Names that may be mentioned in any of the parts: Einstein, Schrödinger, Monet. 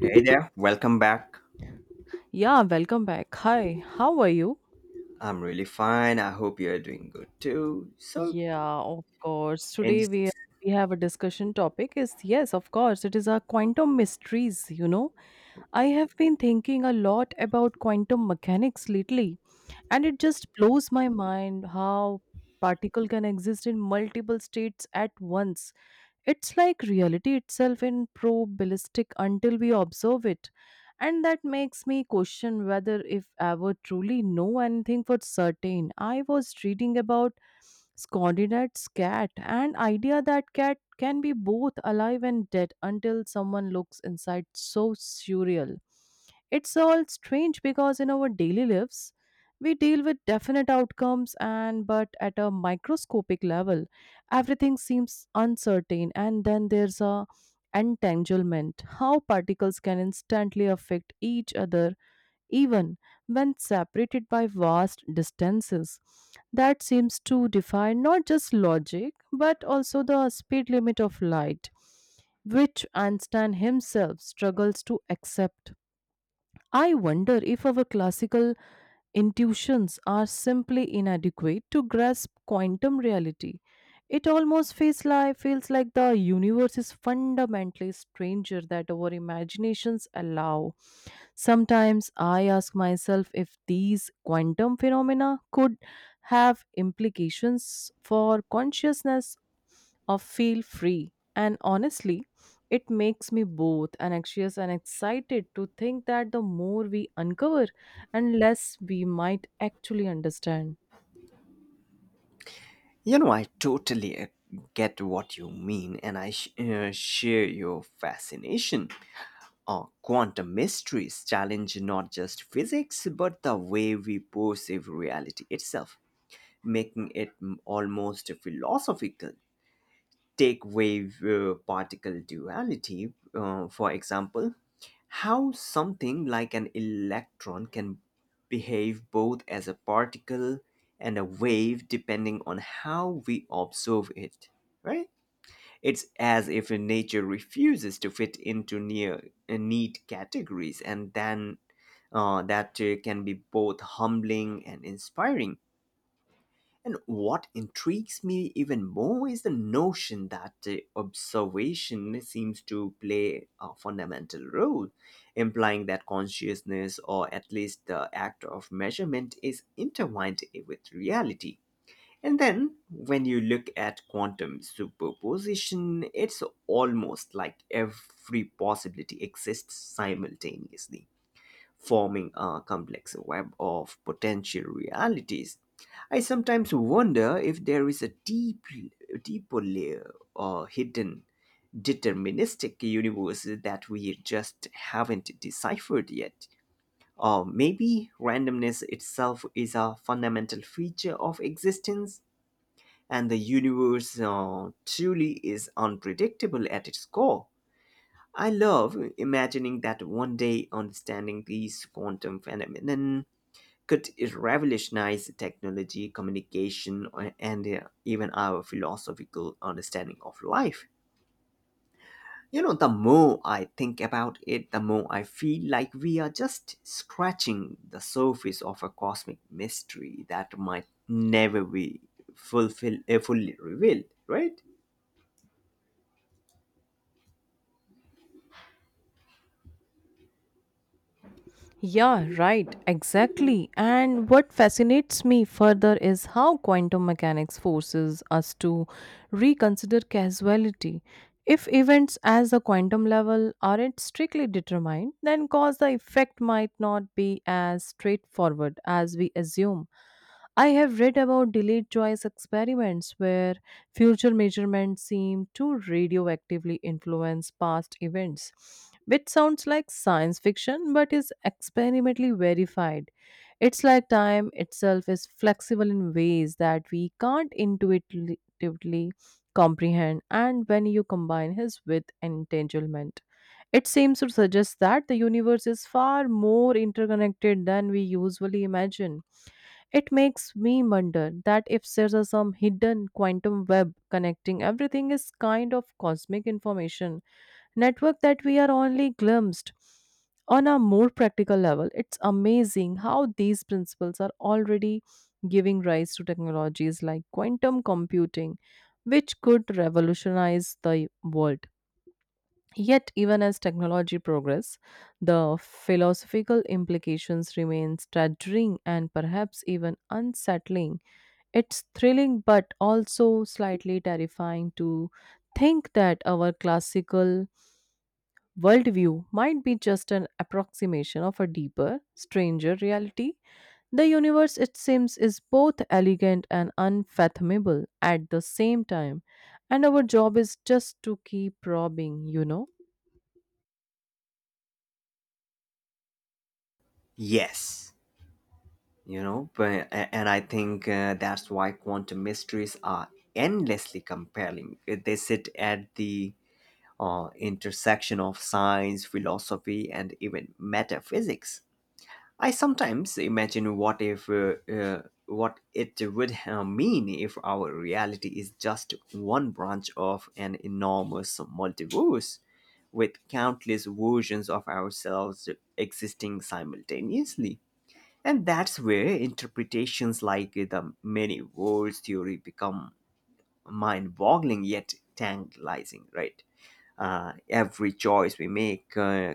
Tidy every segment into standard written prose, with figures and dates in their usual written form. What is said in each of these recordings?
Hey there, welcome back. Yeah, welcome back. Hi, how are you? I'm really fine. I hope you're doing good too. So, Yeah, of course. and Today we have a discussion topic is, yes, of course, it is our quantum mysteries, you know. I have been thinking a lot about quantum mechanics lately, and it just blows my mind how particle can exist in multiple states at once. It's like reality itself in probabilistic until we observe it. And that makes me question whether if ever truly know anything for certain. I was reading about Scondinat's cat and idea that cat can be both alive and dead until someone looks inside, so surreal. It's all strange because in our daily lives we deal with definite outcomes, and but at a microscopic level everything seems uncertain. And then there's a entanglement, how particles can instantly affect each other even when separated by vast distances. That seems to defy not just logic but also the speed limit of light, which Einstein himself struggles to accept. I wonder if our classical intuitions are simply inadequate to grasp quantum reality. It almost feels like the universe is fundamentally stranger that our imaginations allow. Sometimes I ask myself if these quantum phenomena could have implications for consciousness of feel free. And honestly, it makes me both anxious and excited to think that the more we uncover and less we might actually understand. I totally get what you mean, and I share your fascination. Quantum mysteries challenge not just physics, but the way we perceive reality itself, making it almost philosophical. Take wave particle duality, for example, how something like an electron can behave both as a particle and a wave depending on how we observe it, right? It's as if nature refuses to fit into near neat categories, and then that can be both humbling and inspiring, and what intrigues me even more is the notion that observation seems to play a fundamental role, implying that consciousness, or at least the act of measurement, is intertwined with reality. And then, when you look at quantum superposition, it's almost like every possibility exists simultaneously, forming a complex web of potential realities. I sometimes wonder if there is a deeper layer or hidden deterministic universe that we just haven't deciphered yet. Or maybe randomness itself is a fundamental feature of existence, and the universe truly is unpredictable at its core. I love imagining that one day understanding these quantum phenomena could revolutionize technology, communication, and even our philosophical understanding of life. You know, the more I think about it, the more I feel like we are just scratching the surface of a cosmic mystery that might never be fully revealed, right? Yeah, right, exactly. And what fascinates me further is how quantum mechanics forces us to reconsider causality. If events as the quantum level aren't strictly determined, then cause the effect might not be as straightforward as we assume. I have read about delayed choice experiments where future measurements seem to radioactively influence past events, which sounds like science fiction but is experimentally verified. It's like time itself is flexible in ways that we can't intuitively comprehend, and when you combine his with entanglement, it seems to suggest that the universe is far more interconnected than we usually imagine. It makes me wonder that if there's a some hidden quantum web connecting everything, is kind of cosmic information network that we are only glimpsed. On a more practical level, it's amazing how these principles are already giving rise to technologies like quantum computing, which could revolutionize the world. Yet, even as technology progresses, the philosophical implications remain staggering and perhaps even unsettling. It's thrilling but also slightly terrifying to think that our classical worldview might be just an approximation of a deeper, stranger reality. The universe, it seems, is both elegant and unfathomable at the same time, and our job is just to keep probing, you know. Yes, you know, and I think that's why quantum mysteries are endlessly compelling. They sit at the intersection of science, philosophy, and even metaphysics. I sometimes imagine what it would mean if our reality is just one branch of an enormous multiverse with countless versions of ourselves existing simultaneously. And that's where interpretations like the many worlds theory become mind-boggling yet tantalizing, right? Every choice we make uh,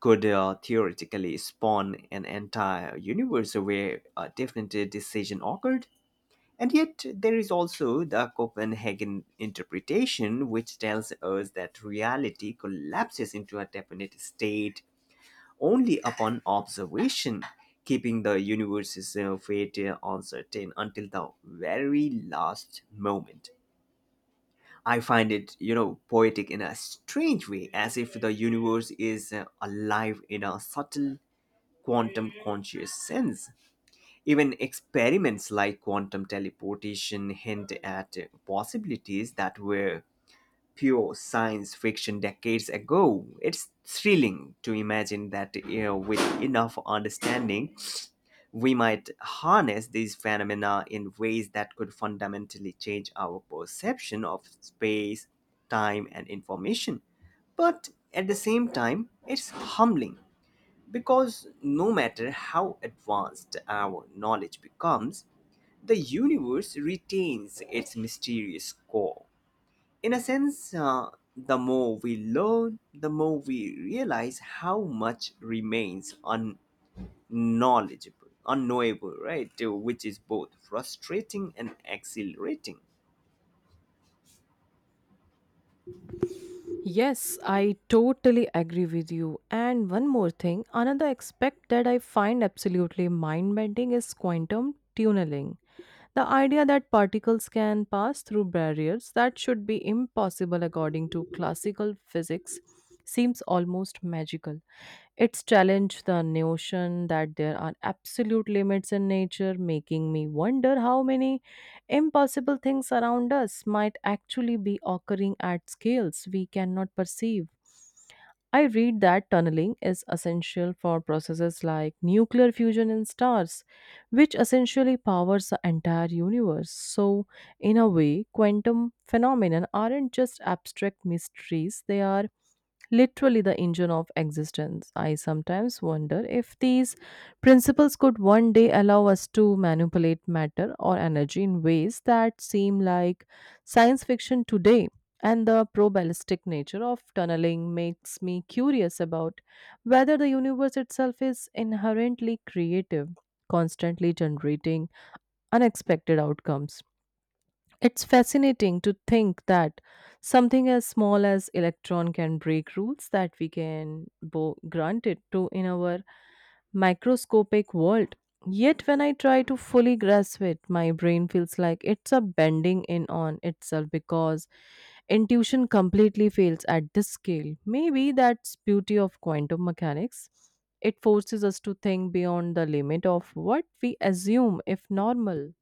could uh, theoretically spawn an entire universe where a different decision occurred. And yet, there is also the Copenhagen interpretation, which tells us that reality collapses into a definite state only upon observation, keeping the universe's fate uncertain until the very last moment. I find it, you know, poetic in a strange way, as if the universe is alive in a subtle quantum conscious sense. Even experiments like quantum teleportation hint at possibilities that were pure science fiction decades ago. It's thrilling to imagine that, you know, with enough understanding, we might harness these phenomena in ways that could fundamentally change our perception of space, time, and information. But at the same time, it's humbling because no matter how advanced our knowledge becomes, the universe retains its mysterious core. In a sense, the more we learn, the more we realize how much remains knowledgeable, unknowable, right? Which is both frustrating and exhilarating. Yes, I totally agree with you. And one more thing, another aspect that I find absolutely mind bending is quantum tunneling. The idea that particles can pass through barriers that should be impossible according to classical physics seems almost magical. It's challenged the notion that there are absolute limits in nature, making me wonder how many impossible things around us might actually be occurring at scales we cannot perceive. I read that tunneling is essential for processes like nuclear fusion in stars, which essentially powers the entire universe. So, in a way, quantum phenomena aren't just abstract mysteries, they are literally the engine of existence. I sometimes wonder if these principles could one day allow us to manipulate matter or energy in ways that seem like science fiction today. And the probabilistic nature of tunneling makes me curious about whether the universe itself is inherently creative, constantly generating unexpected outcomes. It's fascinating to think that something as small as electron can break rules that we can granted to in our microscopic world. Yet when I try to fully grasp it, my brain feels like it's a bending in on itself because intuition completely fails at this scale. Maybe that's beauty of quantum mechanics. It forces us to think beyond the limit of what we assume if normal.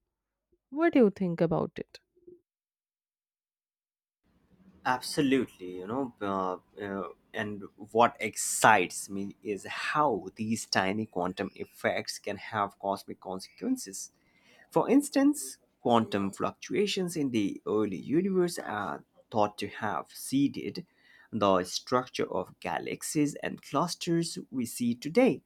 What do you think about it? Absolutely, you know, uh, and what excites me is how these tiny quantum effects can have cosmic consequences. For instance, quantum fluctuations in the early universe are thought to have seeded the structure of galaxies and clusters we see today.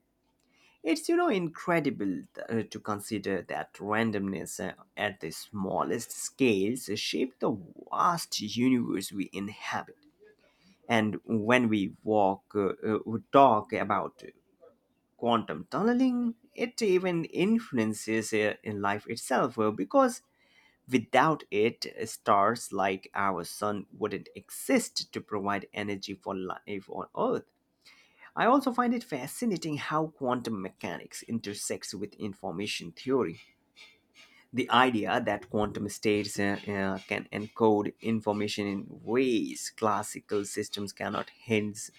It's, you know, incredible to consider that randomness at the smallest scales shape the vast universe we inhabit. And when we talk about quantum tunneling, it even influences in life itself because without it, stars like our sun wouldn't exist to provide energy for life on Earth. I also find it fascinating how quantum mechanics intersects with information theory. The idea that quantum states can encode information in ways classical systems cannot hints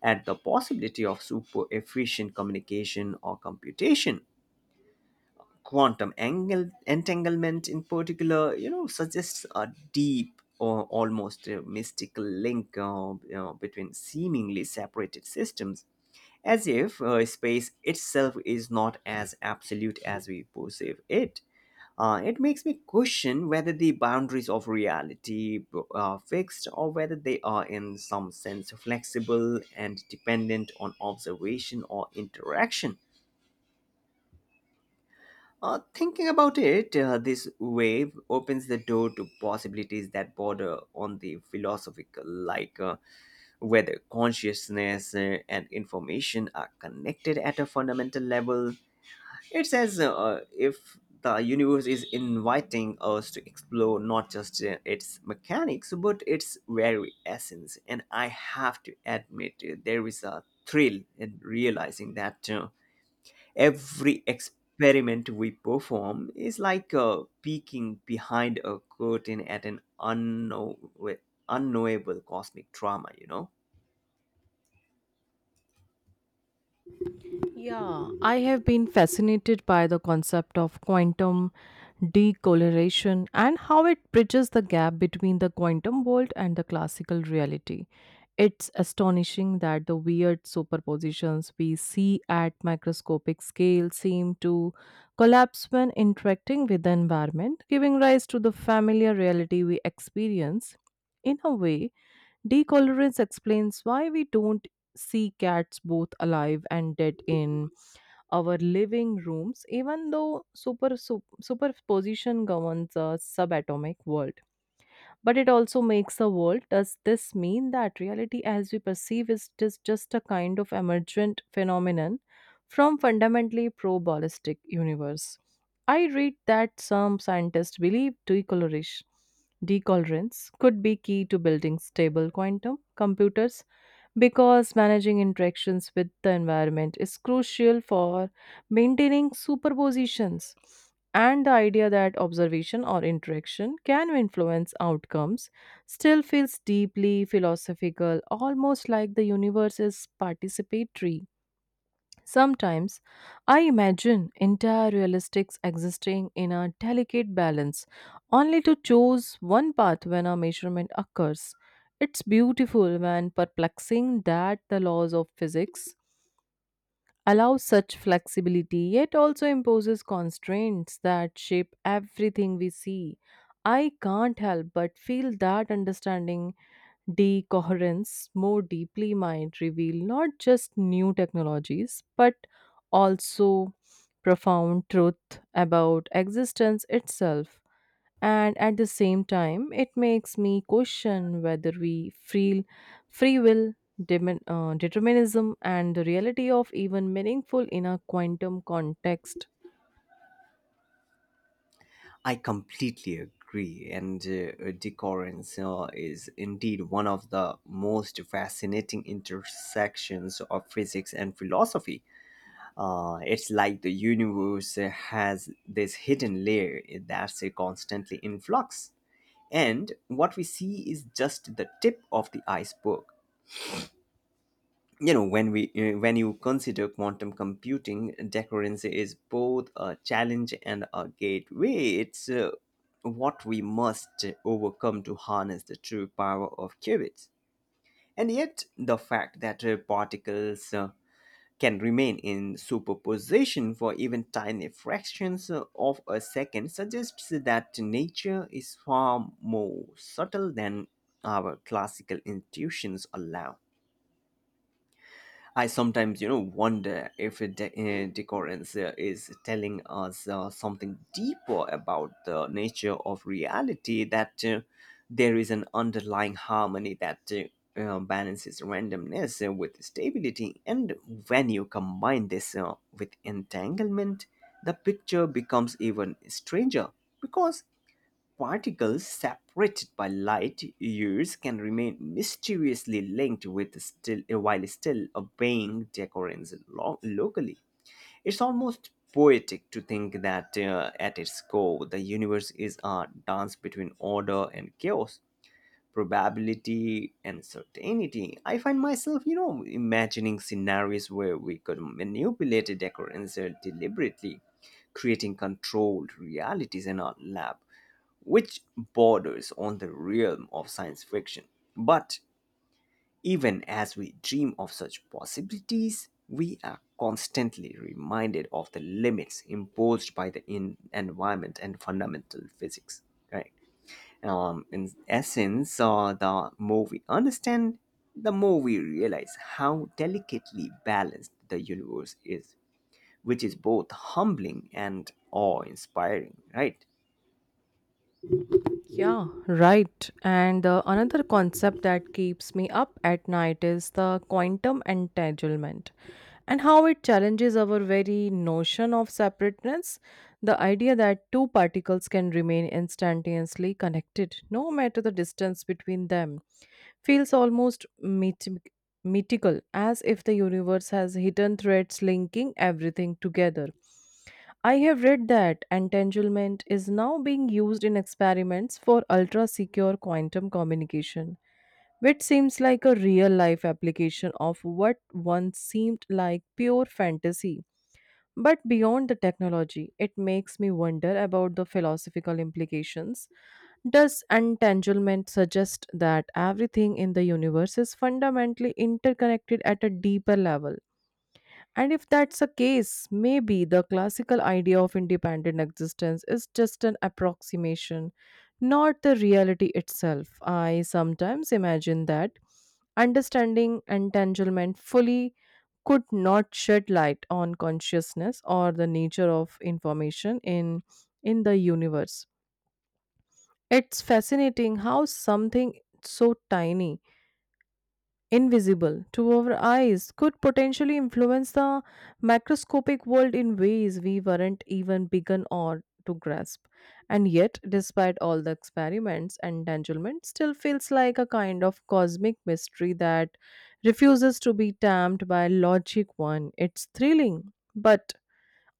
at the possibility of super efficient communication or computation. Quantum angle, entanglement, in particular, you know, suggests a deep or almost mystical link, you know, between seemingly separated systems, as if space itself is not as absolute as we perceive it. It makes me question whether the boundaries of reality are fixed or whether they are in some sense flexible and dependent on observation or interaction. Thinking about it, this wave opens the door to possibilities that border on the philosophical, like whether consciousness and information are connected at a fundamental level. It says, if the universe is inviting us to explore not just its mechanics but its very essence. And I have to admit, there is a thrill in realizing that. Every experiment we perform is like peeking behind a curtain at an unknowable cosmic drama, you know? Yeah, I have been fascinated by the concept of quantum decoloration and how it bridges the gap between the quantum world and the classical reality. It's astonishing that the weird superpositions we see at microscopic scale seem to collapse when interacting with the environment, giving rise to the familiar reality we experience. In a way, decolorance explains why we don't see cats both alive and dead in our living rooms, even though superposition governs a subatomic world. But it also makes a world. Does this mean that reality as we perceive is just a kind of emergent phenomenon from fundamentally probabilistic universe? I read that some scientists believe decoloration decolorants could be key to building stable quantum computers because managing interactions with the environment is crucial for maintaining superpositions, and the idea that observation or interaction can influence outcomes still feels deeply philosophical, almost like the universe is participatory. Sometimes I imagine entire realistics existing in a delicate balance, only to choose one path when a measurement occurs. It's beautiful and perplexing that the laws of physics allow such flexibility, yet also imposes constraints that shape everything we see. I can't help but feel that understanding decoherence more deeply might reveal not just new technologies but also profound truth about existence itself. And at the same time, it makes me question whether we feel free will, determinism, and the reality of even meaningful in a quantum context. I completely agree, and decoherence is indeed one of the most fascinating intersections of physics and philosophy. It's like the universe has this hidden layer that's constantly in flux, and what we see is just the tip of the iceberg. You know, when we when you consider quantum computing, decoherence is both a challenge and a gateway. It's what we must overcome to harness the true power of qubits. And yet, the fact that particles can remain in superposition for even tiny fractions of a second suggests that nature is far more subtle than our classical intuitions allow. I sometimes, you know, wonder if decorance is telling us something deeper about the nature of reality, that there is an underlying harmony that balances randomness with stability. And when you combine this with entanglement, the picture becomes even stranger, because particles separated by light years can remain mysteriously linked with still while still obeying decorance locally. It's almost poetic to think that, at its core, the universe is a dance between order and chaos, probability and certainty. I find myself, you know, imagining scenarios where we could manipulate a occurrence deliberately, creating controlled realities in our lab, which borders on the realm of science fiction. But even as we dream of such possibilities, we are constantly reminded of the limits imposed by the environment and fundamental physics, right? In essence, the more we understand, the more we realize how delicately balanced the universe is, which is both humbling and awe inspiring, right? Yeah, right. And another concept that keeps me up at night is the quantum entanglement and how it challenges our very notion of separateness. The idea that two particles can remain instantaneously connected, no matter the distance between them, feels almost mythical, as if the universe has hidden threads linking everything together. I have read that entanglement is now being used in experiments for ultra secure quantum communication, which seems like a real life application of what once seemed like pure fantasy. But beyond the technology, it makes me wonder about the philosophical implications. Does entanglement suggest that everything in the universe is fundamentally interconnected at a deeper level? And if that's the case, maybe the classical idea of independent existence is just an approximation, not the reality itself. I sometimes imagine that understanding entanglement fully could not shed light on consciousness or the nature of information in the universe. It's fascinating how something so tiny, invisible to our eyes, could potentially influence the macroscopic world in ways we weren't even begun or to grasp. And yet despite all the experiments and entanglement still feels like a kind of cosmic mystery that refuses to be tamped by logic one. It's thrilling but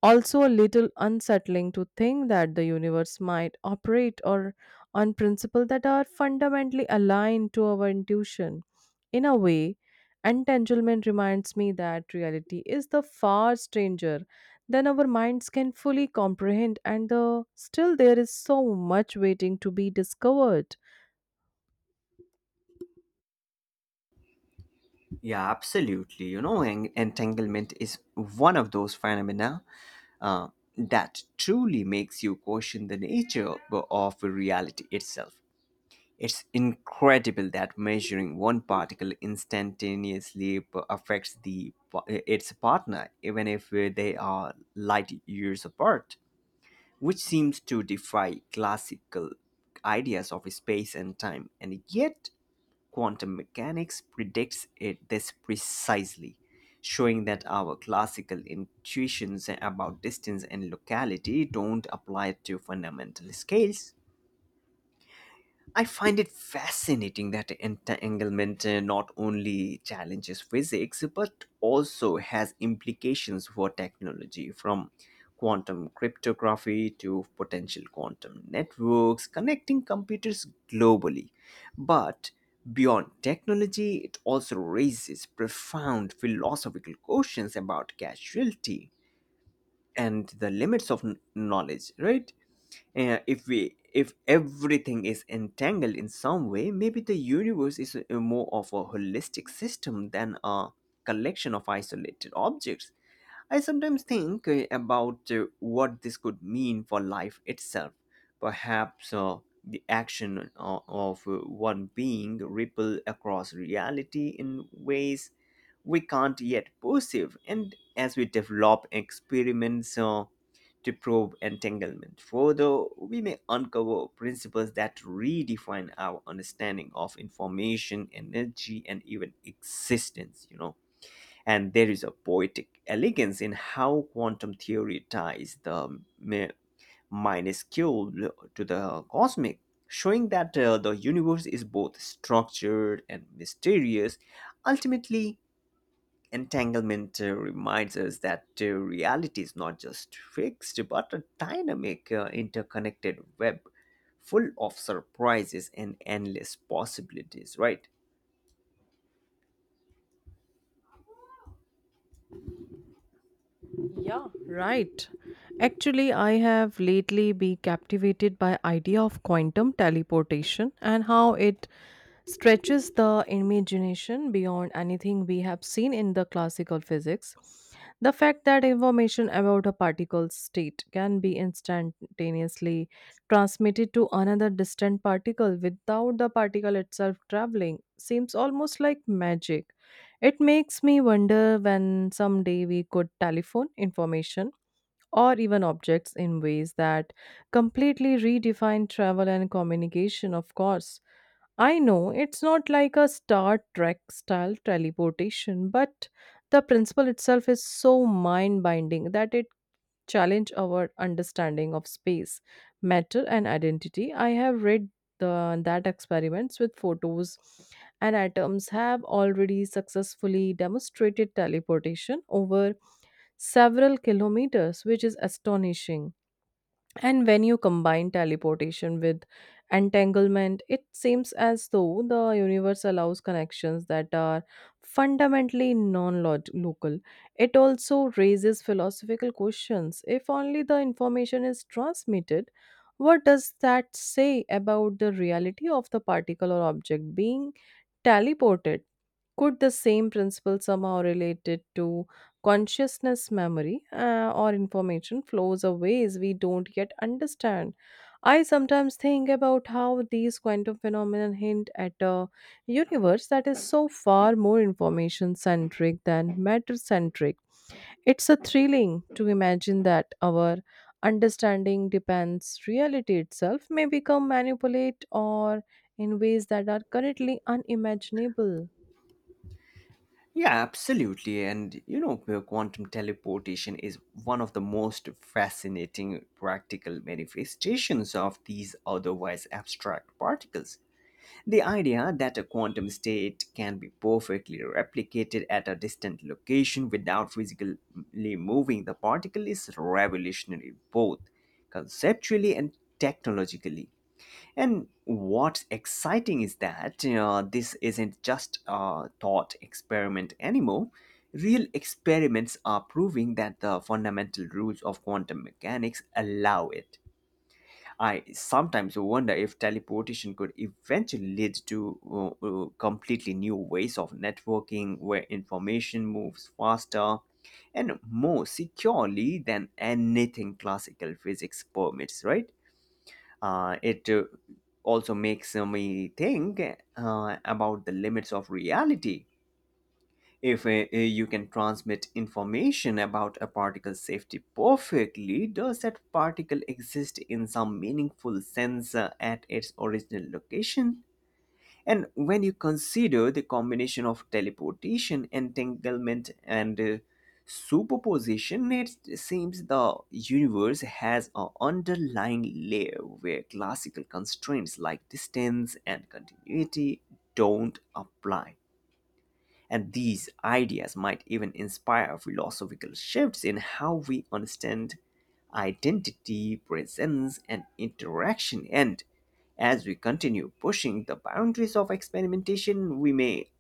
also a little unsettling to think that the universe might operate or on principles that are fundamentally aligned to our intuition. In a way, entanglement reminds me that reality is the far stranger than our minds can fully comprehend, and the, still there is so much waiting to be discovered. Yeah, absolutely. You know, entanglement is one of those phenomena uh, that truly makes you question the nature of reality itself. It's incredible that measuring one particle instantaneously affects its partner, even if they are light years apart, which seems to defy classical ideas of space and time. And yet, quantum mechanics predicts it this precisely, showing that our classical intuitions about distance and locality don't apply to fundamental scales. I find it fascinating that entanglement not only challenges physics but also has implications for technology, from quantum cryptography to potential quantum networks connecting computers globally. But beyond technology, it also raises profound philosophical questions about causality and the limits of knowledge, right? If everything is entangled in some way, maybe the universe is more of a holistic system than a collection of isolated objects. I sometimes think about what this could mean for life itself. Perhaps the action of one being ripple across reality in ways we can't yet perceive. And as we develop experiments to probe entanglement further, we may uncover principles that redefine our understanding of information, energy, and even existence, you know. And there is a poetic elegance in how quantum theory ties the minuscule to the cosmic, showing that the universe is both structured and mysterious. Ultimately, entanglement reminds us that reality is not just fixed but a dynamic, interconnected web full of surprises and endless possibilities, right? Yeah, right. Actually, I have lately been captivated by idea of quantum teleportation and how it stretches the imagination beyond anything we have seen in the classical physics. The fact that information about a particle's state can be instantaneously transmitted to another distant particle without the particle itself traveling seems almost like magic. It makes me wonder when someday we could telephone information or even objects in ways that completely redefine travel and communication, of course. I know it's not like a Star Trek style teleportation, but the principle itself is so mind binding that it challenge our understanding of space, matter, and identity. I have read that experiments with photos and atoms have already successfully demonstrated teleportation over several kilometers, which is astonishing. And when you combine teleportation with entanglement, it seems as though the universe allows connections that are fundamentally non local. It also raises philosophical questions. If only the information is transmitted, what does that say about the reality of the particle or object being teleported? Could the same principle somehow related to consciousness memory, or information flows of ways we don't yet understand? I sometimes think about how these quantum phenomena hint at a universe that is so far more information centric than matter centric. It's a thrilling to imagine that our understanding depends reality itself may become manipulate or in ways that are currently unimaginable. Yeah, absolutely. And you know, quantum teleportation is one of the most fascinating practical manifestations of these otherwise abstract particles. The idea that a quantum state can be perfectly replicated at a distant location without physically moving the particle is revolutionary, both conceptually and technologically. And what's exciting is that this isn't just a thought experiment anymore. Real experiments are proving that the fundamental rules of quantum mechanics allow it. I sometimes wonder if teleportation could eventually lead to completely new ways of networking where information moves faster and more securely than anything classical physics permits, right? It also makes me think about the limits of reality. If you can transmit information about a particle's safety perfectly, does that particle exist in some meaningful sense at its original location? And when you consider the combination of teleportation, entanglement, and superposition, it seems the universe has an underlying layer where classical constraints like distance and continuity don't apply. And these ideas might even inspire philosophical shifts in how we understand identity, presence, and interaction. And as we continue pushing the boundaries of experimentation, we may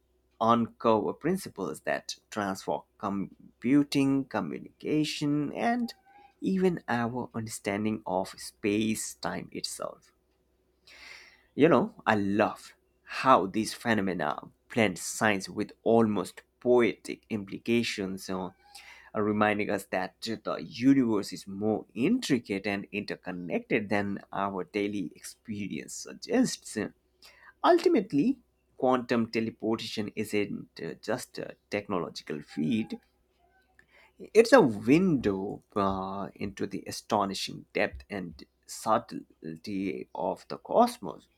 uncover principles that transform computing, communication, and even our understanding of space time itself. You know, I love how these phenomena blend science with almost poetic implications, reminding us that the universe is more intricate and interconnected than our daily experience suggests. Ultimately, quantum teleportation isn't just a technological feat, it's a window into the astonishing depth and subtlety of the cosmos.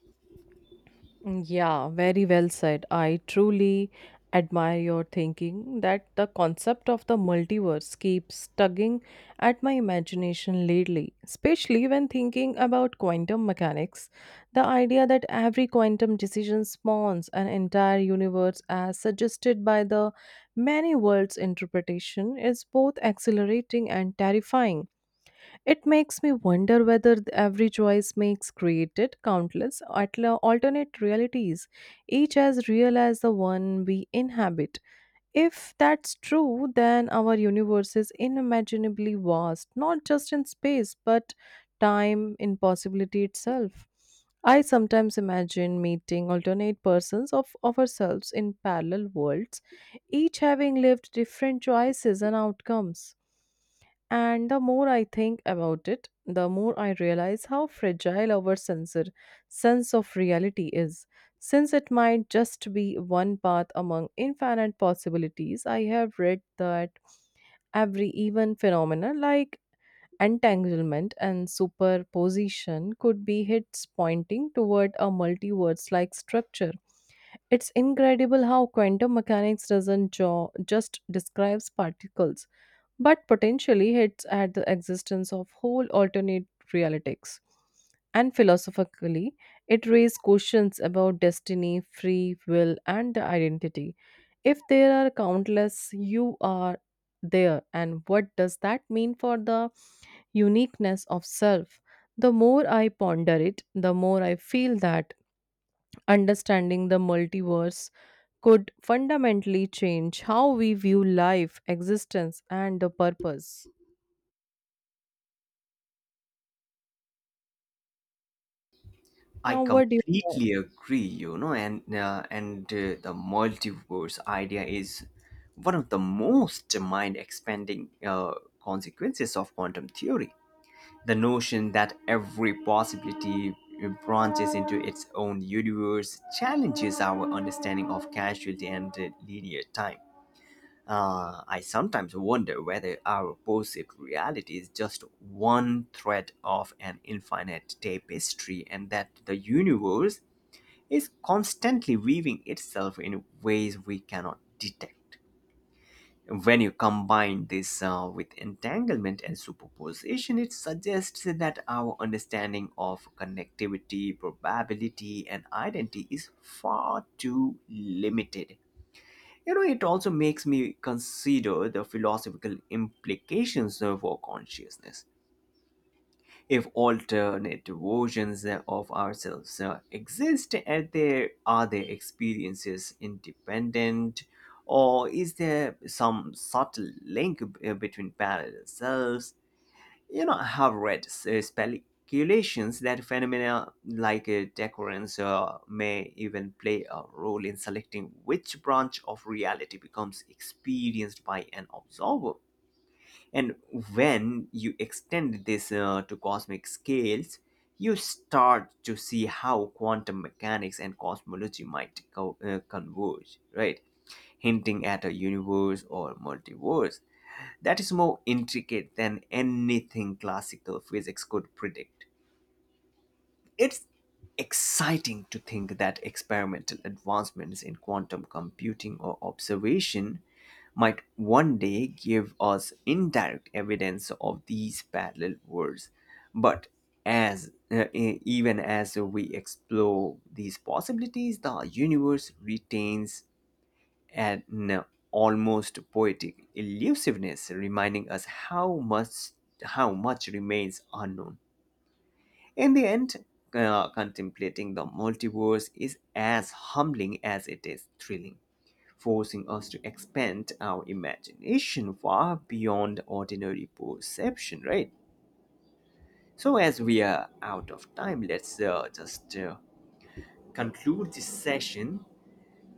Yeah, very well said. I truly admire your thinking that the concept of the multiverse keeps tugging at my imagination lately, especially when thinking about quantum mechanics. The idea that every quantum decision spawns an entire universe as suggested by the many worlds interpretation is both exhilarating and terrifying. It makes me wonder whether every choice makes created countless alternate realities, each as real as the one we inhabit. If that's true, then our universe is unimaginably vast, not just in space, but time, in possibility itself. I sometimes imagine meeting alternate persons of ourselves in parallel worlds, each having lived different choices and outcomes. And the more I think about it, the more I realize how fragile our sensor sense of reality is. Since it might just be one path among infinite possibilities, I have read that every even phenomena like entanglement and superposition could be hits pointing toward a multiverse like structure. It's incredible how quantum mechanics doesn't just describes particles but potentially hints at the existence of whole alternate realities. And philosophically, it raises questions about destiny, free will, and the identity. If there are countless you are there, and what does that mean for the uniqueness of self? The more I ponder it, the more I feel that understanding the multiverse could fundamentally change how we view life, existence, and the purpose. I Now, what do you know? completely agree, you know, and the multiverse idea is one of the most mind-expanding consequences of quantum theory. The notion that every possibility branches into its own universe challenges our understanding of causality and linear time. I sometimes wonder whether our perceived reality is just one thread of an infinite tapestry and that the universe is constantly weaving itself in ways we cannot detect. When you combine this with entanglement and superposition, it suggests that our understanding of connectivity, probability, and identity is far too limited. You know, it also makes me consider the philosophical implications of our consciousness. If alternate versions of ourselves exist, are their experiences independent, or is there some subtle link between parallel selves? You know, I have read speculations that phenomena like decoherence may even play a role in selecting which branch of reality becomes experienced by an observer. And when you extend this to cosmic scales, you start to see how quantum mechanics and cosmology might converge, right? Hinting at a universe or multiverse that is more intricate than anything classical physics could predict. It's exciting to think that experimental advancements in quantum computing or observation might one day give us indirect evidence of these parallel worlds. But even as we explore these possibilities, the universe retains an uh, almost poetic elusiveness, reminding us how much remains unknown. In the end, contemplating the multiverse is as humbling as it is thrilling, forcing us to expand our imagination far beyond ordinary perception, right? So, as we are out of time, let's just conclude this session,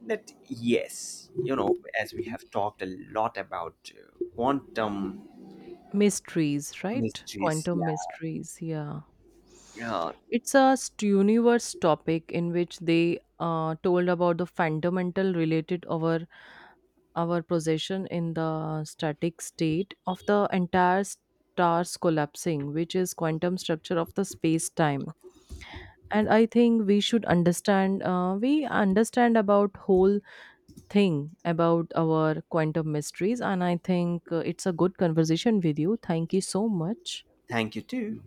that yes, you know, as we have talked a lot about quantum Mysteries, right? mysteries, Quantum yeah. mysteries, yeah. Uh, It's a universe topic in which they told about the fundamental related our possession in the static state of the entire stars collapsing, which is quantum structure of the space time. And I think we should understand. We understand about whole thing about our quantum mysteries. And I think it's a good conversation with you. Thank you so much. Thank you too.